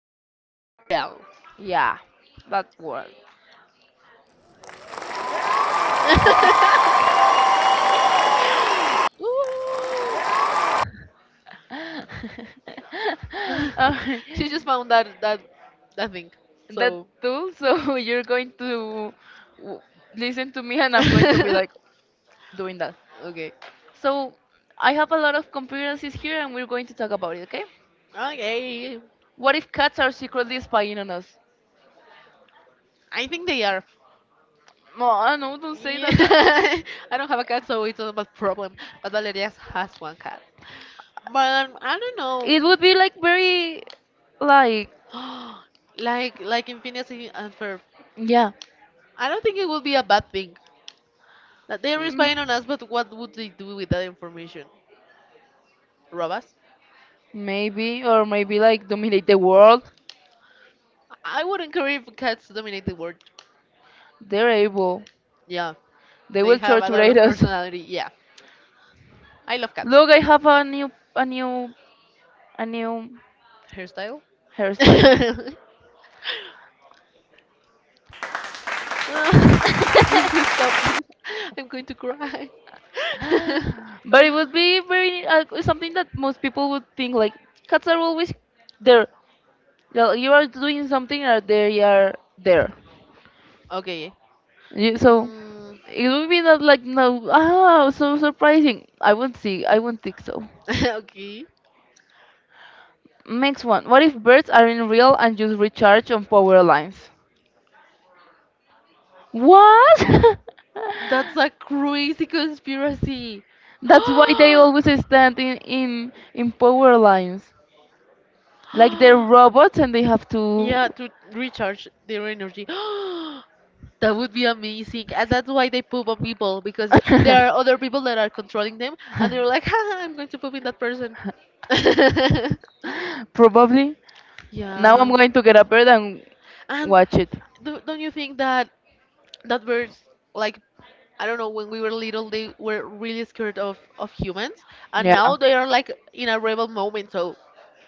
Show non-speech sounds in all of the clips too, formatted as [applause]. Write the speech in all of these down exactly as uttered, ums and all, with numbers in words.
conspiratorial. Conspiratorial. [laughs] Yeah, that word. Woo. [laughs] [laughs] Alright, She just found that that that thing. that So too. So [laughs] you're going to w- listen to me, and I'm going to be [laughs] like doing that. okay. So I have a lot of conspiracies here, and we're going to talk about it. Okay? Okay. What if cats are secretly spying on us? I think they are. No, I know. Don't say Yeah, that. [laughs] I don't have a cat, so it's not a problem. But Valeria has one cat. But um, I don't know. It would be like very, like, [gasps] like like in Phineas and and Ferb. yeah, I don't think it would be a bad thing. That they're mm, spying on us, but what would they do with that information? Rob us? maybe, or maybe like dominate the world. I wouldn't care if cats dominate the world. They're able. Yeah, They they will have a torture lot of us. personality. Yeah, I love [laughs] cats. Look, I have a new, a new, a new Hairstyle? hairstyle. [laughs] Ah, [laughs] please stop this. I'm going to cry. [laughs] But it would be very uh, something that most people would think like cats are always there. Yeah, you are doing something, or they are there. Okay. You, so Mm, it would be not like no. Ah, so surprising. I won't see. I won't think so. [laughs] okay. Next one. What if birds aren't real and just recharge on power lines? What? [laughs] That's a crazy conspiracy. [gasps] That's why they always stand in, in in power lines. Like they're robots and they have to Yeah, to recharge their energy. [gasps] That would be amazing. And that's why they poop on people because there are [laughs] other people that are controlling them and they're like, [laughs] haha, I'm going to poop in that person. [laughs] probably. Now I'm Yeah. going to get a bird and And watch it. do, don't you think that that birds, like, I don't know, when we were little, they were really scared of, of humans, and Yeah. now they are like in a rebel moment. So,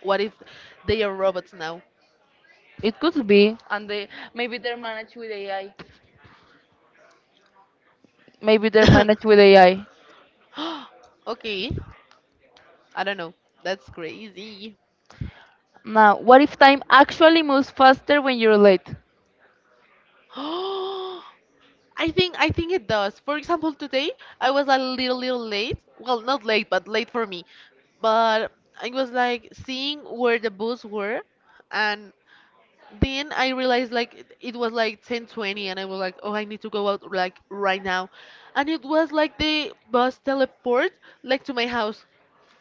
what if they are robots now? It could be. And they maybe they're managed with A I. Maybe they're managed with [laughs] A I. Okay, I don't know. That's crazy. Now, what if time actually moves faster when you're late? [gasps] I think I think it does. For example, today I was a little little late. Well, not late, but late for me. But I was like seeing where the bus were, and then I realized like it it was like ten twenty and I was like, "Oh, I need to go out like right now." And it was like the bus teleport like to my house.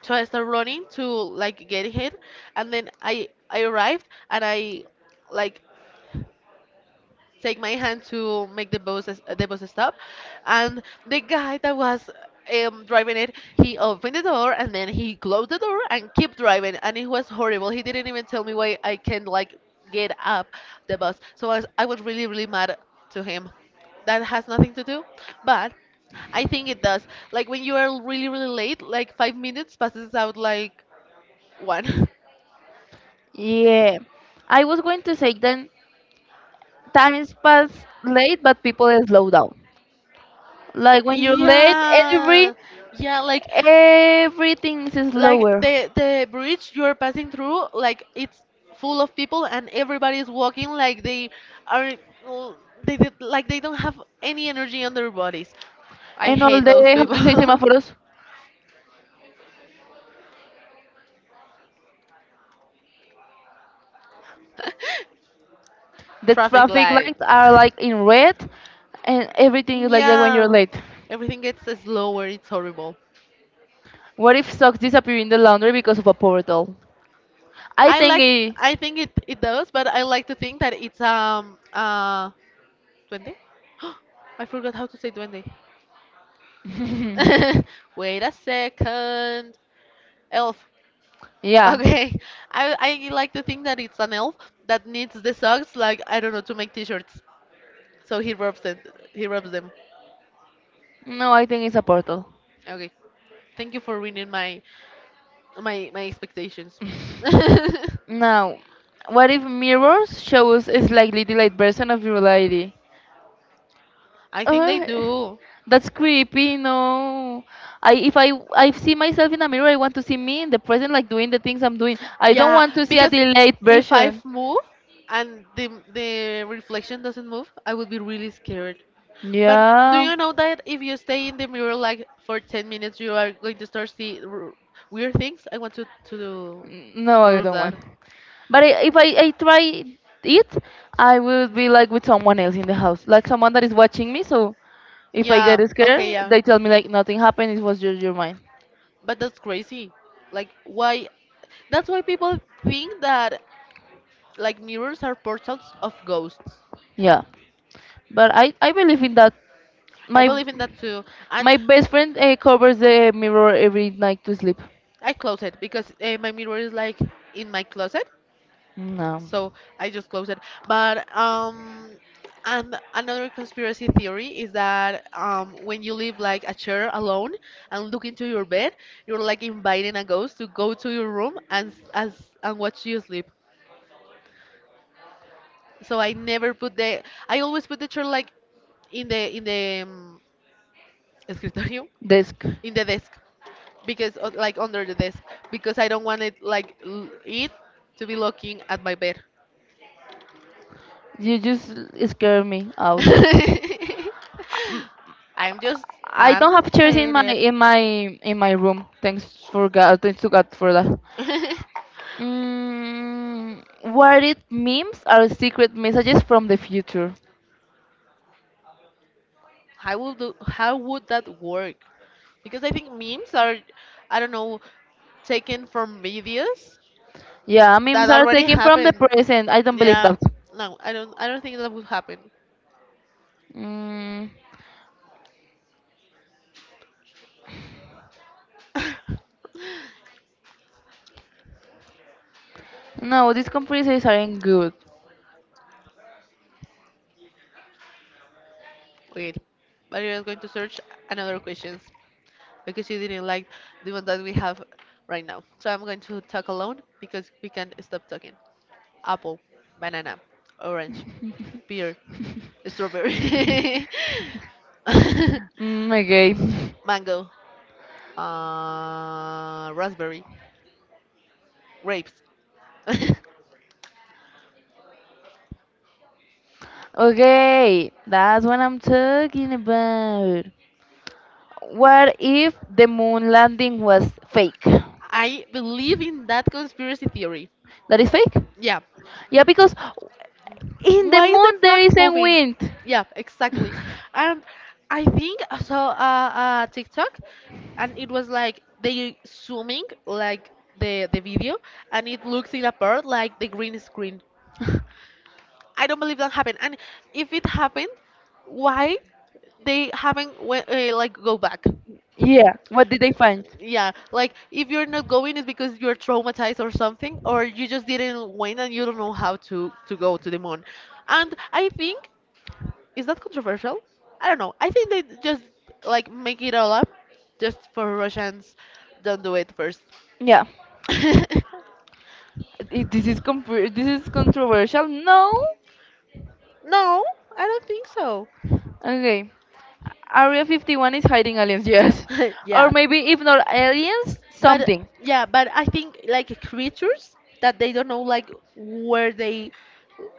So I started running to like get ahead and then I I arrived and I like take my hand to make the bus the bus stop, and the guy that was um, driving it, he opened the door and then he closed the door and kept driving, and it was horrible. He didn't even tell me why I can't like get up the bus, so I was, I was really really mad to him. That has nothing to do, but I think it does. Like when you are really really late, like five minutes passes out like one. [laughs] Yeah, I was going to say then time is passed late, but people slow down. Like when you're late, every Yeah, yeah, like everything is like slower. the the bridge you're passing through, like it's full of people and everybody is walking like they are l- they did, like they don't have any energy on their bodies. I And all hate those the how people. do you say semaphores? [laughs] The Traffic traffic lights. lights are like in red, and everything is like that when you're Yeah, late. everything gets slower. It's horrible. What if socks disappear in the laundry because of a portal? I I think like. it. I think it, it does, but I like to think that it's um uh Duende? [gasps] I forgot how to say duende. [laughs] [laughs] Wait a second. Elf. yeah. Okay. I, I like to think that it's an elf that needs the socks, like, I don't know, to make t-shirts. So he rubs it. He rubs them. No, I think it's a portal. Okay. Thank you for reading my my my expectations. [laughs] I Now, what if mirrors shows a slightly delayed version of reality? think they Uh, do. that's creepy. No, I if I I see myself in a mirror, I want to see me in the present, like doing the things I'm doing. I don't Yeah, want to see a because delayed if I version. move and the the reflection doesn't move, I would be really scared. But do Yeah. you know that if you stay in the mirror like for ten minutes, you are going to start see r- weird things? I want to to do- N- No, I prove don't want. that. But I, if I, I try it, I will be like with someone else in the house, like someone that is watching me. So if I Yeah, get okay, scared, yeah. they tell me like nothing happened. It was just your mind. But that's crazy. Like why? That's why people think that like mirrors are portals of ghosts. Yeah. But I, I believe in that. I My believe in that too. And my best friend uh, covers the mirror every night to sleep. I close it because uh, my mirror is like in my closet, No, so I just close it. But um, and another conspiracy theory is that um, when you leave like a chair alone and look into your bed, you're like inviting a ghost to go to your room and s- as and watch you sleep. So I never put the I always put the chair like in the in the um, escritorio desk. in the desk because uh, like under the desk because I don't want it like l- it to be looking at my bed. You just scare me out. [laughs] Um, I'm just I I'm don't have just chairs in saying my it. in my in my room. Thanks for God. Thanks to God for that. [laughs] Mm, worried memes are secret messages from the future. How would the, how would that work? Because I think memes are I don't know taken from videos Yeah, that memes are already taken from the happened. present. I don't believe Yeah. that. No, I don't I don't think that would happen. Mm, [laughs] no, these conferences aren't good. Wait. But I was going to search another questions. Because you didn't like the one that we have right now. So I'm going to talk alone because we can stop talking. Apple, banana, orange, pear, strawberry, Mm, [laughs] okay. [laughs] mango, uh, raspberry, grapes. [laughs] Okay, that's what I'm talking about. What if the moon landing was fake? I believe in that conspiracy theory. That is fake? Yeah, Yeah, because in the why is the moon there flag isn't moving? wind. Yeah, exactly. [laughs] And I think I saw a, a TikTok, and it was like they zooming like the the video, and it looks in a part like the green screen. I don't believe that happened. And if it happened, why they haven't went, uh, like go back? yeah, what did they find? Yeah, like if you're not going, it's because you're traumatized or something, or you just didn't win and you don't know how to to go to the moon. And I think is that controversial? I don't know. I think they just like make it all up just for Russians. Don't do it first. Yeah, [laughs] No, I- this is compr- this is controversial. No. I don't think so. Okay, Area fifty-one is hiding aliens. [laughs] Yes, [laughs] Yeah. or maybe if not aliens, But something. yeah, but I think like creatures that they don't know like where they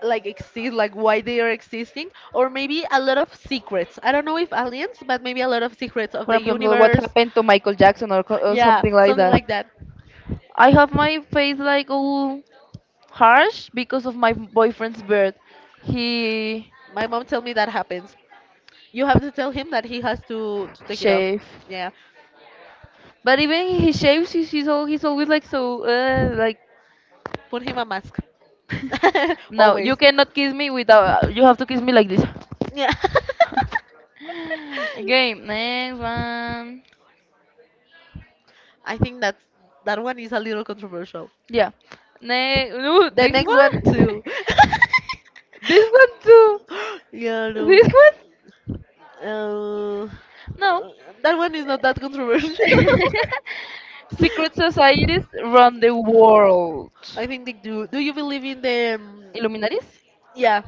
like exist, like why they are existing, or maybe a lot of secrets. I don't know if aliens, but maybe a lot of secrets of For the example, what universe. happened to Michael Jackson or, co- or Yeah, something like something that. like that. I have my face like all harsh because of my boyfriend's birth. He My mom told me that happens. You have to tell him that he has to to take it off. shave, Yeah, but even he shaves, he's he's, all, he's always like so uh, like put him a mask. [laughs] no, you Always. cannot kiss me without you have to kiss me like this. Yeah. [laughs] [laughs] okay, next one. I think that's that one is a little controversial. Yeah, next no The this next one one, too. [laughs] this one too, [laughs] Yeah, no. this one. Uh, uh, No, that one is not that controversial. [laughs] secret societies run the world. [laughs] I think they do. Do you believe in the? um, Illuminatis? Yeah.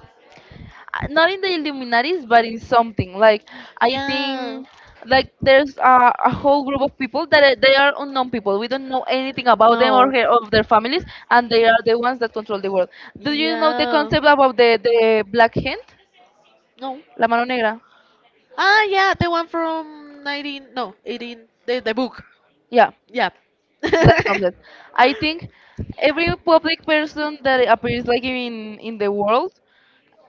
uh, Not in the Illuminatis, but in something. Like I Yeah. think, like there's a, a whole group of people that are, they are unknown people. We don't know anything about them or No. her, of their families, and they are the ones that control the world. Do you know the Yeah. concept about the the black hand, No. la mano negra? Ah, yeah, the one from nineteen, no, eighteen, the, the book. Yeah, Yeah. [laughs] that concept. I think every public person that appears like in in the world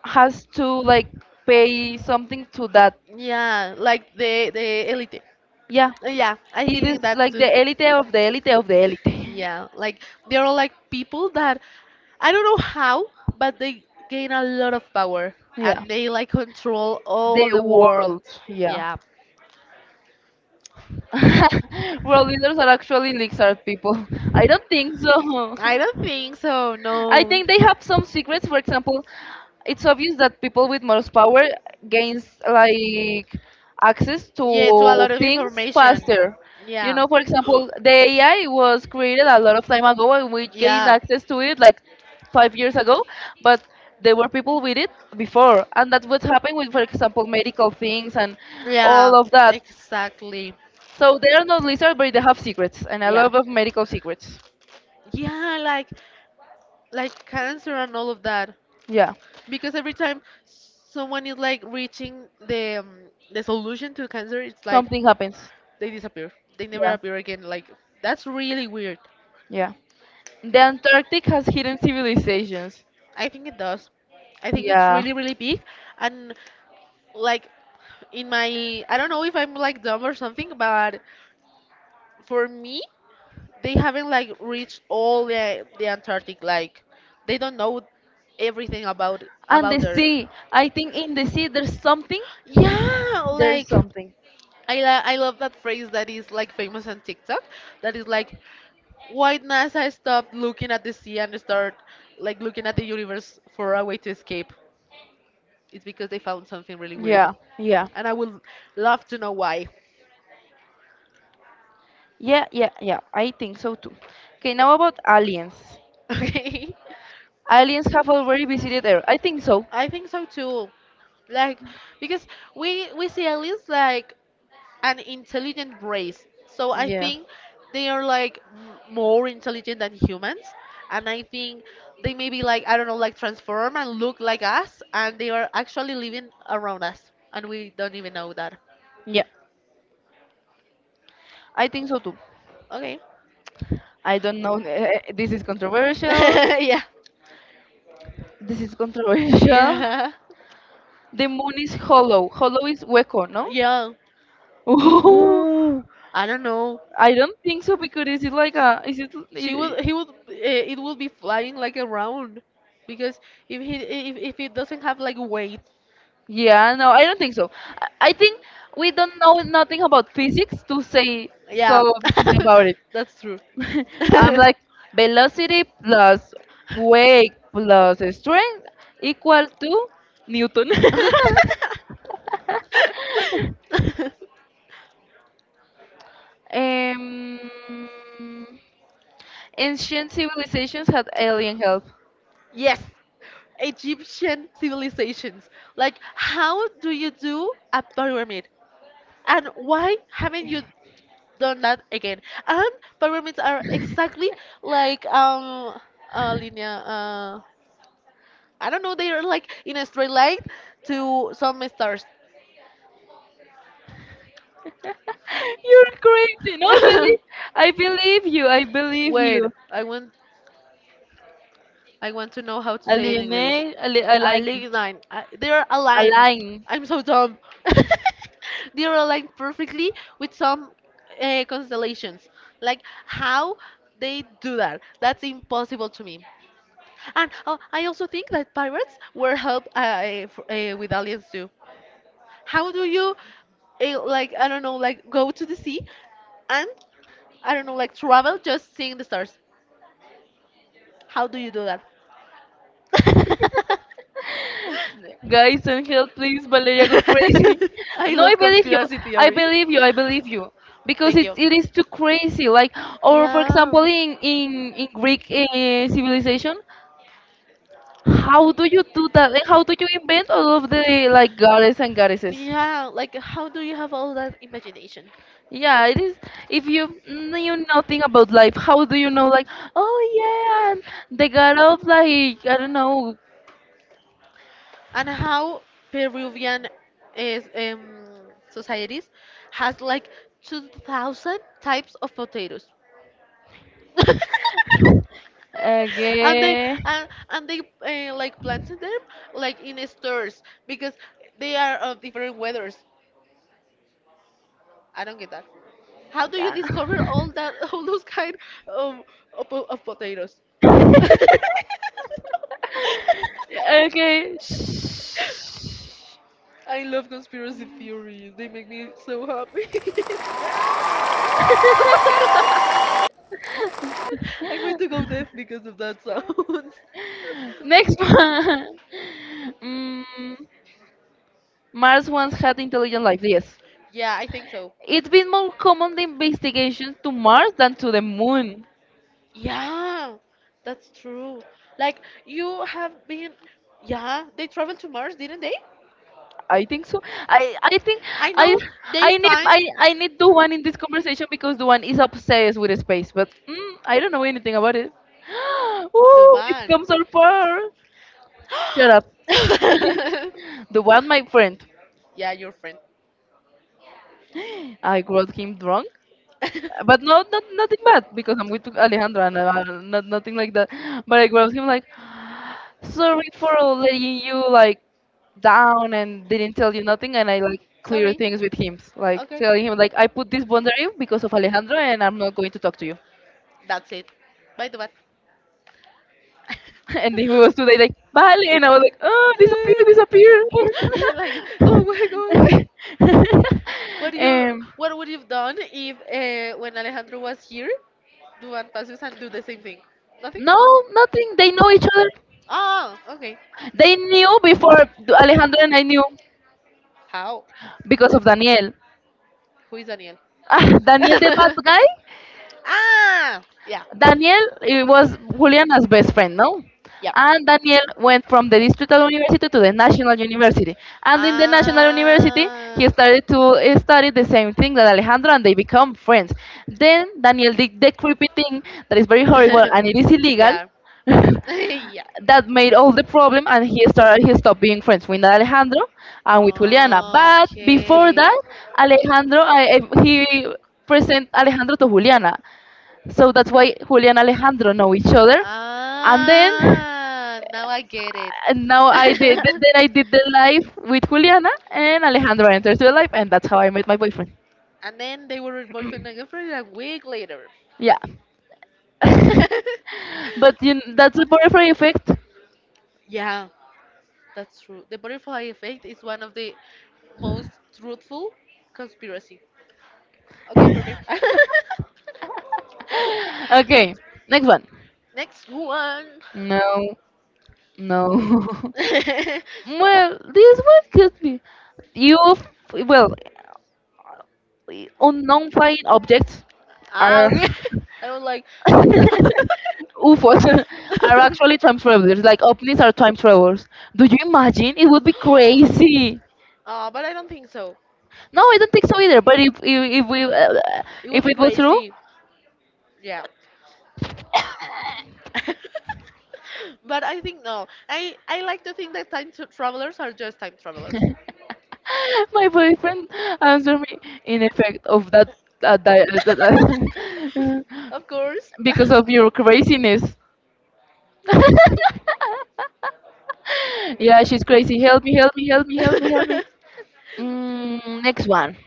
has to like pay something to that. Yeah, like the the elite. Yeah. Yeah, I It think is that's like too. the elite of the elite of the elite. Yeah, like there are like people that I don't know how, but they gain a lot of power Yeah. and they like control The all the world. world, yeah. Yeah. [laughs] World leaders are actually lizard people. I don't think so. I [laughs] don't think so, I no. think they have some secrets. For example, it's obvious that people with most power gains like access Yeah, to a to lot of things information. faster. You Yeah. know, for example, the [gasps] A I was created a lot of time ago, and we gained access to it like five years ago, but there were people with it before, and that's what happened with, for example, medical things and Yeah. Yeah, all of that. exactly. So they are not lizards, but they have secrets, and a Yeah. lot of medical secrets. Yeah, like like cancer and all of that. Yeah, Because every time someone is like reaching the um, the solution to cancer, it's like something happens. they disappear. They never Yeah. appear again. Like that's really weird. Yeah. The Antarctic has hidden civilizations. I think it does. I think it's Yeah. really really big and like in my I don't know if I'm like dumb or something, but for me they haven't like reached all the the Antarctic. Like they don't know everything about And about the there. sea. I think in the sea there's something. Yeah, There's like something. I la- I love that phrase that is like famous on TikTok. That is like, why NASA stopped looking at the sea and start like looking at the universe for a way to escape? It's because they found something really weird, Yeah, yeah. and I would love to know why. [laughs] Yeah, yeah, yeah. I think so too. Okay, now about aliens. Okay, Aliens have already visited Earth. I think so. I think so too. Like because we we see aliens like an intelligent race. So I Yeah. think they are like m- more intelligent than humans, and I think they maybe like I don't know, like transform and look like us, and they are actually living around us, and we don't even know that. Yeah. I think so too. Okay. I don't know. [laughs] This is controversial. [laughs] Yeah. This is controversial. [laughs] Yeah. The moon is hollow. Hollow is hueco, no? Yeah. Ooh, [laughs] I don't know. I don't think so because is it like a is it She i- would, he would, uh, it would be flying like around because if he, if, if it doesn't have like weight, yeah no I don't think so I I think we don't know nothing about physics to say yeah, something about it. [laughs] that's true. [laughs] [laughs] I'm like velocity plus weight plus strength equals to Newton. [laughs] um, Ancient civilizations had alien help. Yes, Egyptian civilizations. Like, how do you do a pyramid? And why haven't you done that again? And pyramids are exactly like um uh, linea. Uh, I don't know. They are like in a straight line to some stars. [laughs] You're crazy no believe. [laughs] I believe you I believe Wait, you. I want I want to know how to say it in Aline, English. Ali, A Aline, league line. Uh, They're aligned. Aline. I'm so dumb. [laughs] They're aligned perfectly with some uh, constellations. Like how they do that? That's impossible to me. And uh, I also think that pirates were helped uh, eh, f- eh, with aliens too. How do you, eh, like I don't know, like go to the sea and I don't know, like travel just seeing the stars? How do you do that? [laughs] Guys, and help, please. Valeria got crazy. [laughs] I No, I love believe you. conspiracy I theories. believe you. I believe you. [laughs] Because Thank it, you. it is too crazy. Like, or for Yeah. example, in, in, in Greek uh, civilization, how do you do that? Like, how do you invent all of the, like, goddess and goddesses? Yeah, like how do you have all that imagination? Yeah, it is. If you knew nothing about life, how do you know, like, oh yeah, I'm the god of like I don't know. And how Peruvian is um, societies has like two thousand types of potatoes. [laughs] and they Okay. and, and they uh, like planted them like in stores because they are of different weathers. I don't get that. How do you Yeah. discover all that [laughs] all those kind of of, po- of potatoes? [laughs] okay. [laughs] Shh. I love conspiracy theories. They make me so happy. [laughs] I'm going to go [laughs] deaf because of that sound. Next one. [laughs] Mm, Mars once had intelligent life. Yes. Yeah, I think so. It's been more commonly investigations to Mars than to the Moon. Yeah, that's true. Like, you have been. Yeah, they traveled to Mars, didn't they? I think so. I I think I I know they I need find I I need the one in this conversation because the one is obsessed with space, but mm, I don't know anything about it. [gasps] the Ooh, it van. comes so far. Shut up. [gasps] [laughs] The one my friend. [laughs] Yeah, your friend. I got him drunk, but no, not nothing bad because I'm with Alejandra and uh, not, nothing like that. But I grabbed him like, sorry for letting you like down and [laughs] didn't tell you nothing and I like clear Sorry. things with him. Like Okay. telling him like I put this boundary because of Alejandro and I'm not going to talk to you. That's it. Bye, Dubat. [laughs] And he was [laughs] today like Vale and I was like, oh disappear, disappear. like go away, go away. [laughs] What do you Um what would you've done if uh, when Alejandro was here, Duban passes and do the same thing? Nothing? no, nothing. They know each other. Ah, okay. They knew before Alejandro and I knew How? because of Daniel. Who is Daniel? Ah, Daniel the bad [laughs] guy. Ah, yeah, Daniel, it was Juliana's best friend, no? yeah. And Daniel went from the distrital university to the national university. And in the national university, he Ah. started to eh, study the same thing that Alejandro and they become friends. Then Daniel did the creepy thing that is very horrible and [laughs] it is illegal. [laughs] Yeah. [laughs] Yeah. That made all the problem and he started he stopped being friends with Alejandro and with Juliana. But before Okay. that, Alejandro I, I- he present Alejandro to Juliana, so that's why Julia and Alejandro know each other. And then Ah, now I get it. and now I did [laughs] then I did the live with Juliana and Alejandro enters the live and that's how I met my boyfriend. And then they were boyfriend and girlfriend a week later. Yeah. [laughs] [laughs] But you, that's the butterfly effect. Yeah, that's true. The butterfly effect is one of the most truthful conspiracy. Okay, perfect. [laughs] Okay, next one. Next one. No, no. [laughs] [laughs] Well, this one could be. You, f- well, unknown flying objects Ah, are. okay. [laughs] I was like, [laughs] what's that? U F Os [laughs] are actually [laughs] time travelers. Like ovnis are time travelers. Do you imagine? It would be crazy. Uh, but I don't think so. No, I don't think so either. But if if, if we uh, It would if be it was true, crazy. Yeah. [laughs] But I think no. I I like to think that time tra- travelers are just time travelers. [laughs] [laughs] my boyfriend answered me in effect of that uh, di- uh, that, uh, Of course. [laughs] because of your craziness. [laughs] Yeah, she's crazy. Help me! Help me! Help me! Help me! Help me! [laughs] Mm, next one.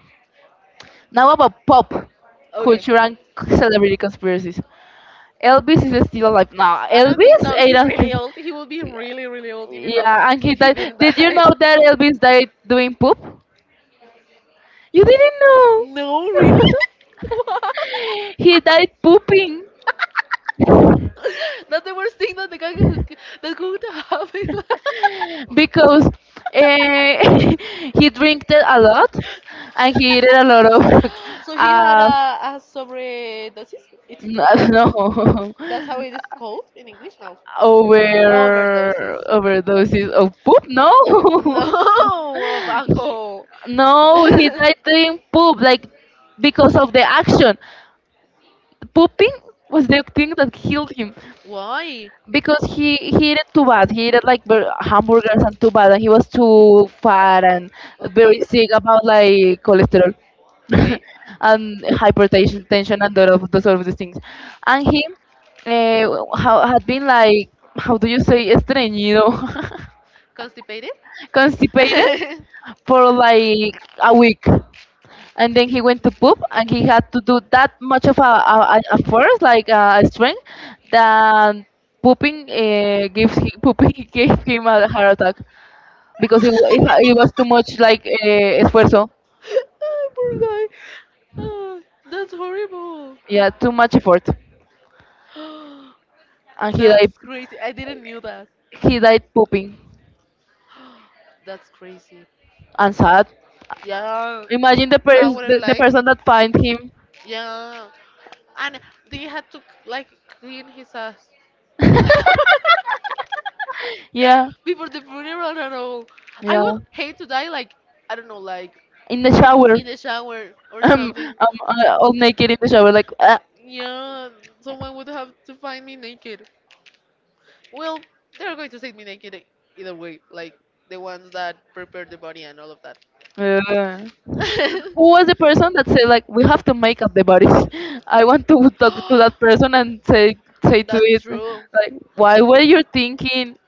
Now about pop Okay. culture and celebrity conspiracies. Elvis is still alive now. I don't think Elvis? so. I He's don't really think. old. He will be really, really old, even though Yeah, and he he died. didn't Did you die. know that Elvis died doing poop? You didn't know. No, really? [laughs] What? [laughs] He died pooping [laughs] That's the worst thing that the guy who, that could happen. [laughs] because uh, [laughs] he drank it a lot and he ate a lot of [laughs] So he had uh, a, a sobredosis. It's n- [laughs] no That's how it is called in English now. Overdoses. over overdoses of poop. [laughs] No, [laughs] No, of He- alcohol. no, he died [laughs] doing poop, like because of the action. Pooping was the thing that killed him Why? Being because he he ate too bad. He ate like bur- hamburgers and too bad, and he was too fat and very Okay. sick about like cholesterol uh, [laughs] Okay. and hypertension tension and all of those sort of these things. And he uh, ha- had been like, how do you say estreñido, Constipated? [laughs] constipated Constipated. for like a week. And then he went to poop and he had to do that much of a, a, a a force, like uh, a strength that pooping uh, gives him. [laughs] Pooping gave him a heart attack because it, wa- it, ha- it was too much, like uh, esfuerzo. [laughs] Oh, poor guy. Oh, that's horrible. Yeah, too much effort, [gasps] Actually, and he died. that's crazy. I didn't knew that. He died pooping. That's crazy. And sad, Yeah. imagine the, I pers- the, wouldn't the like. person that find [laughs] him. Yeah. And they had to like clean his ass. [laughs] Yeah. Before the funeral and all. I Yeah, would hate to die like I don't know, like in the shower. in [laughs] the shower or um, something. Um, uh, all naked in the shower, like ah. Yeah, someone would have to find me naked. Well, they're going to take me naked e- either way, like the ones that prepare the body and all of that. Uh. Who [laughs] was the person that said like, we have to make up the bodies? [laughs] I want to talk to that person and say, say [gasps] to That's it true. like, why were you thinking?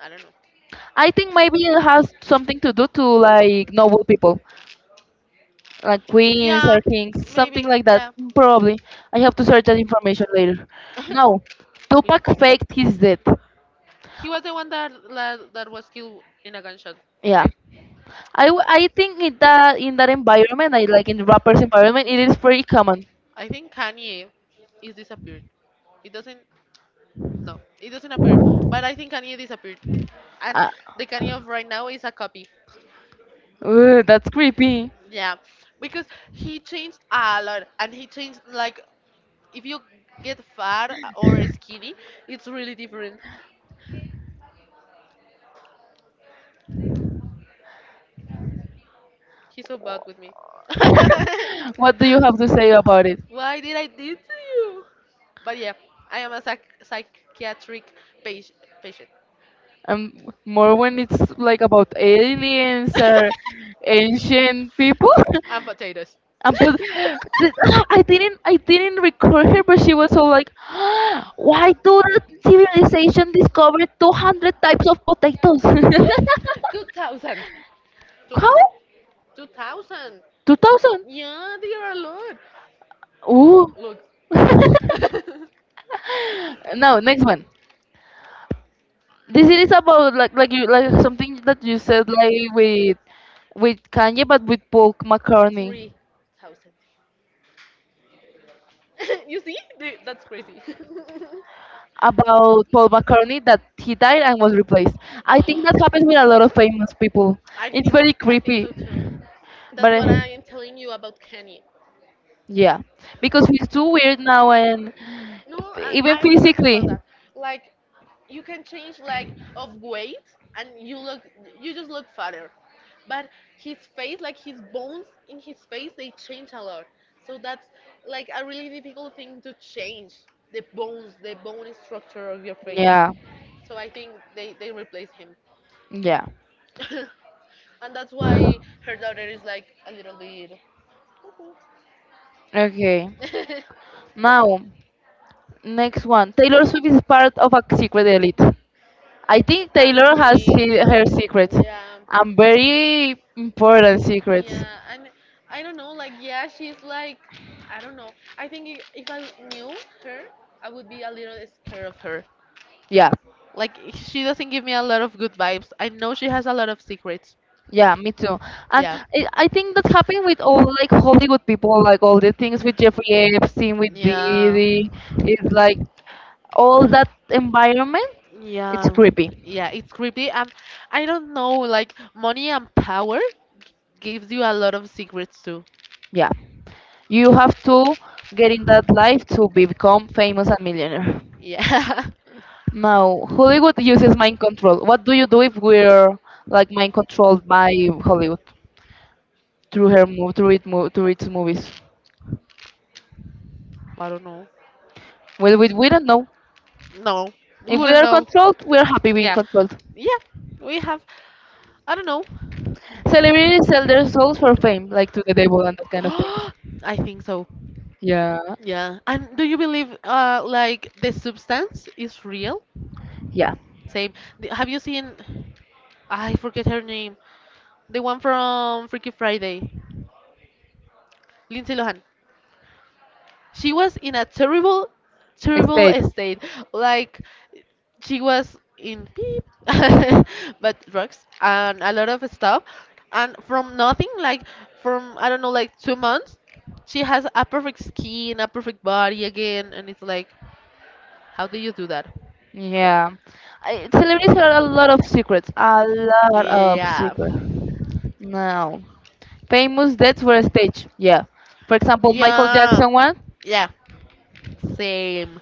I don't know. I think maybe it has something to do to like noble people, like queens Yeah, or kings, something maybe. like that. Yeah. Probably. I have to search that information later. No. [laughs] We Tupac need to. faked his death. He was the one that that, that was killed in a gunshot, Yeah, right? i, w- I think in that in that environment, I like in rappers environment, it is pretty common. I think Kanye is disappeared. It doesn't No, it doesn't appear. But I think Kanye disappeared. And Uh, the Kanye of right now is a copy. Ooh, that's creepy. Yeah. Because he changed a lot and he changed like if you get fat or skinny, it's really different. He's so bad with me. [laughs] [laughs] What do you have to say about it? Why did I do to you? But yeah, I am a psych- psychiatric pa- patient. Um, [laughs] more when it's like about aliens or [laughs] ancient people. And potatoes. [laughs] And put, th- no, I didn't, I didn't record her, but she was all like, [gasps] "Why do the civilization discover two hundred types of potatoes? [laughs] [laughs] two thousand. How? two hundred? two thousand. Two thousand? Yeah, they are a lot. Ooh." Look. [laughs] [laughs] Now next one, this is about like like you like something that you said like with with Kanye but with Paul McCartney, three thousand. [laughs] You see? They- That's crazy. [laughs] about Paul McCartney that he died and was replaced. I think that happens with a lot of famous people. I It's think very I think creepy, so too. but That's what uh, I am telling you about Kanye. yeah, because he's too weird now and No, and even I was talking physically. about that. Like, you can change like of weight, and you look, you just look fatter. But his face, like his bones in his face, they change a lot. So that's like a really difficult thing to change the bones, the bone structure of your face. Yeah. So I think they they replace him, Yeah. [laughs] and that's why her daughter is like a little bit. Okay. [laughs] Now, next one. Taylor Swift is part of a secret elite. I I think Taylor has pink. he- her secrets, Yeah. and very important secrets. Yeah, and I don't know, like, yeah, she's like, I don't know. I think i- if I knew her, I would be a little scared of her. Yeah. Like, she doesn't give me a lot of good vibes. I know she has a lot of secrets. Yeah, me too. And Yeah. I, I think that happened with all like Hollywood people, like all the things with Jeffrey Epstein, with Yeah. Diddy. It's like all that environment. It's Yeah. creepy. Yeah, it's creepy. And I don't know, like, money and power gives you a lot of secrets too. Yeah. You have to get in that life to be- become famous and millionaire. Yeah. [laughs] Now Hollywood uses mind control. What do you do if we're like mind controlled by Hollywood through her move, through it, move, through its movies? I don't know. Well, we, we don't know. No, we If we wouldn't are know. controlled, we are happy being Yeah. controlled. Yeah. We have, I don't know. Celebrities sell their souls for fame, like to the devil and that kind of things. [gasps] I think so. Yeah, Yeah. And do you believe uh like the substance is real? yeah. Same. The- Have you seen I forget her name. The one from Freaky Friday. Lindsay Lohan. She was in a terrible, terrible [laughs] Estate. state. Like she was in beep, [laughs] but drugs and a lot of stuff. And from nothing, like from I don't know, like two months, she has a perfect skin, a perfect body again, and it's like, how do you do that? Yeah, I, celebrities are a lot of secrets, a lot of Yeah. secrets. No, famous deaths were staged. Yeah, for example, Michael Yeah. Jackson one. Yeah. Same.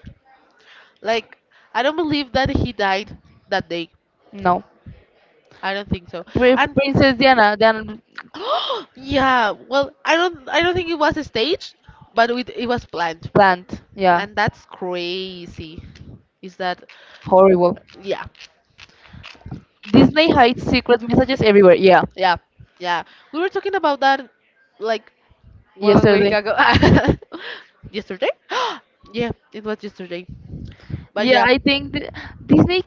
Like I don't believe that he died that day. No, I don't think so. Pri- And Princess Diana, Diana [gasps] yeah, well, I don't I don't think it was staged, but it, it was planned. plant. Yeah, And that's crazy. Is that horrible. Yeah, Disney hides secret messages everywhere. Yeah, yeah, yeah. We were talking about that like one week yesterday. ago. [laughs] Yesterday? [gasps] Yeah, it was yesterday. But Yeah, yeah. I think th- Disney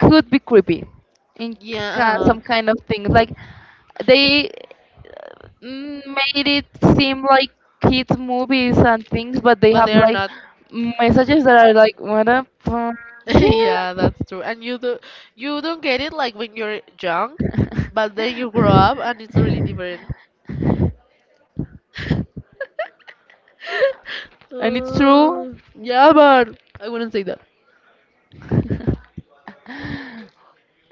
could be creepy in k- Yeah. some kind of thing. Like they mm, made it seem like kids movies and things, but they But have they are like not. messages that are like what up. uh, [laughs] Yeah, Yeah." that's true. And you do You don't get it like when you're young, but then [laughs] you grow up and it's really different. [laughs] And it's true. Uh, yeah, but I wouldn't say that.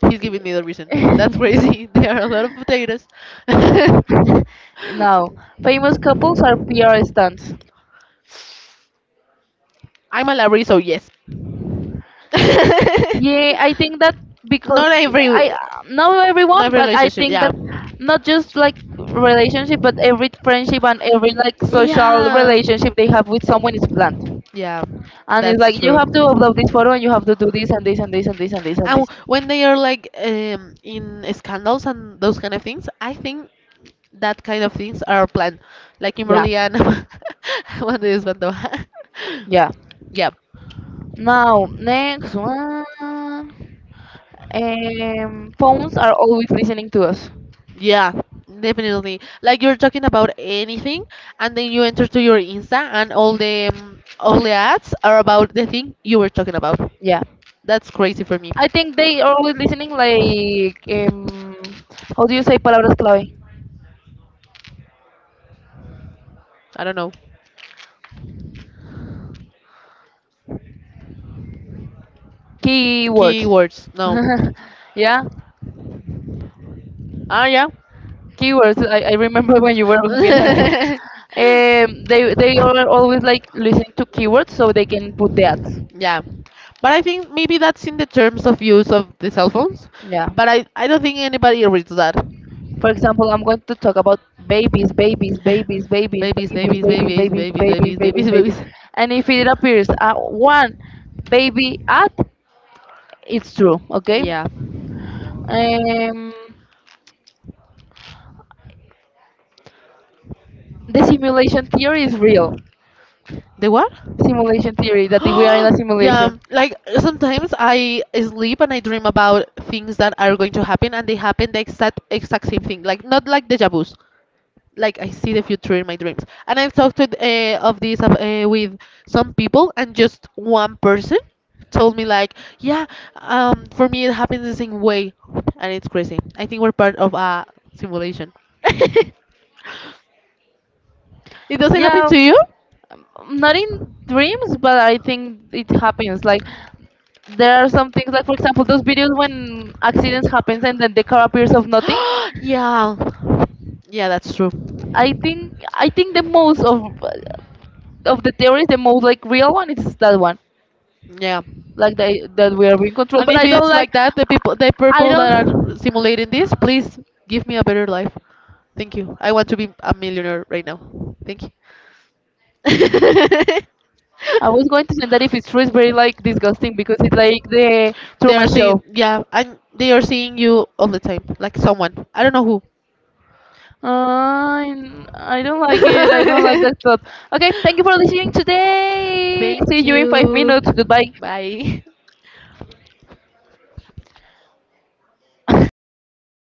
He's giving me the reason. That's [laughs] crazy. [laughs] There are a lot of potatoes. [laughs] I'm [laughs] Now, famous couples are P R stunts. a library, so yes. [laughs] Yeah, I think that because Not every, I, not Not everyone, every but I relationship. think Yeah. that not just like relationship, but every friendship and every like social Yeah. relationship they have with someone is planned. Yeah, And it's that's like, you true. have to upload this photo and you have to do this and this and this and this and this and And this. w- when they are like um, in scandals and those kind of things, I think that kind of things are planned, like Yeah, Kimberly and [laughs] when they spent the- yeah. [laughs] Yeah, Now next one. Um, phones are always listening to us. yeah, definitely. Like you're talking about anything, and then you enter to your Insta, and all the um, all the ads are about the thing you were talking about. Yeah. That's crazy for me. I think they are always listening like, um, how do you say palabras clave? I don't know. Keywords. Keywords. No. [laughs] Yeah, Ah, yeah. [laughs] keywords. I, I remember when you were looking at it. Yeah. Um, they they are always like listening to keywords so they can put that. But I think maybe that's in the terms of use of the cell phones. Yeah. But I, I don't think anybody reads that. For example, I'm going to talk about babies, babies, babies, [laughs] babies, Babies, babies, babies, babies, babies, babies, babies, babies, babies, babies, babies, babies. babies, And if it appears at one baby at, it's true. Okay. [laughs] Yeah. Um. The simulation theory is real. The what? Simulation theory that we are in a [gasps] Yeah, simulation. like sometimes I sleep and I dream about things that are going to happen and they happen the exact exact same thing. Like not like deja vu's. Like I see the future in my dreams. And I've talked to, uh, of this uh, uh, with some people and just one person told me like, yeah, um, for me it happens the same way, and it's crazy. I think we're part of a simulation. [laughs] It doesn't happen Yeah, to you? not in dreams, but I think it happens. Like there are some things, like for example, those videos when Happen accidents happens and then the car appears of nothing. [gasps] Yeah. Yeah, that's true. I think I think the most of of the theories, the most like real one is that one, Yeah. like the, that we are being controlled. And but But if I don't it's like. like that, the people, the I I people that don't. are simulating this, please give me a better life. Thank you. I want to be a millionaire right now. Thank you. [laughs] I was going to say that I was going to say that if it's true, it's very like disgusting because it's like the they Truman are seeing, Show. yeah, and they are seeing you all the time, like someone. I don't know who. Uh, I don't like it. I don't like that thought. [laughs] Okay, thank you for listening today. See Thank you in five you. minutes. Goodbye. Bye. [laughs] [laughs]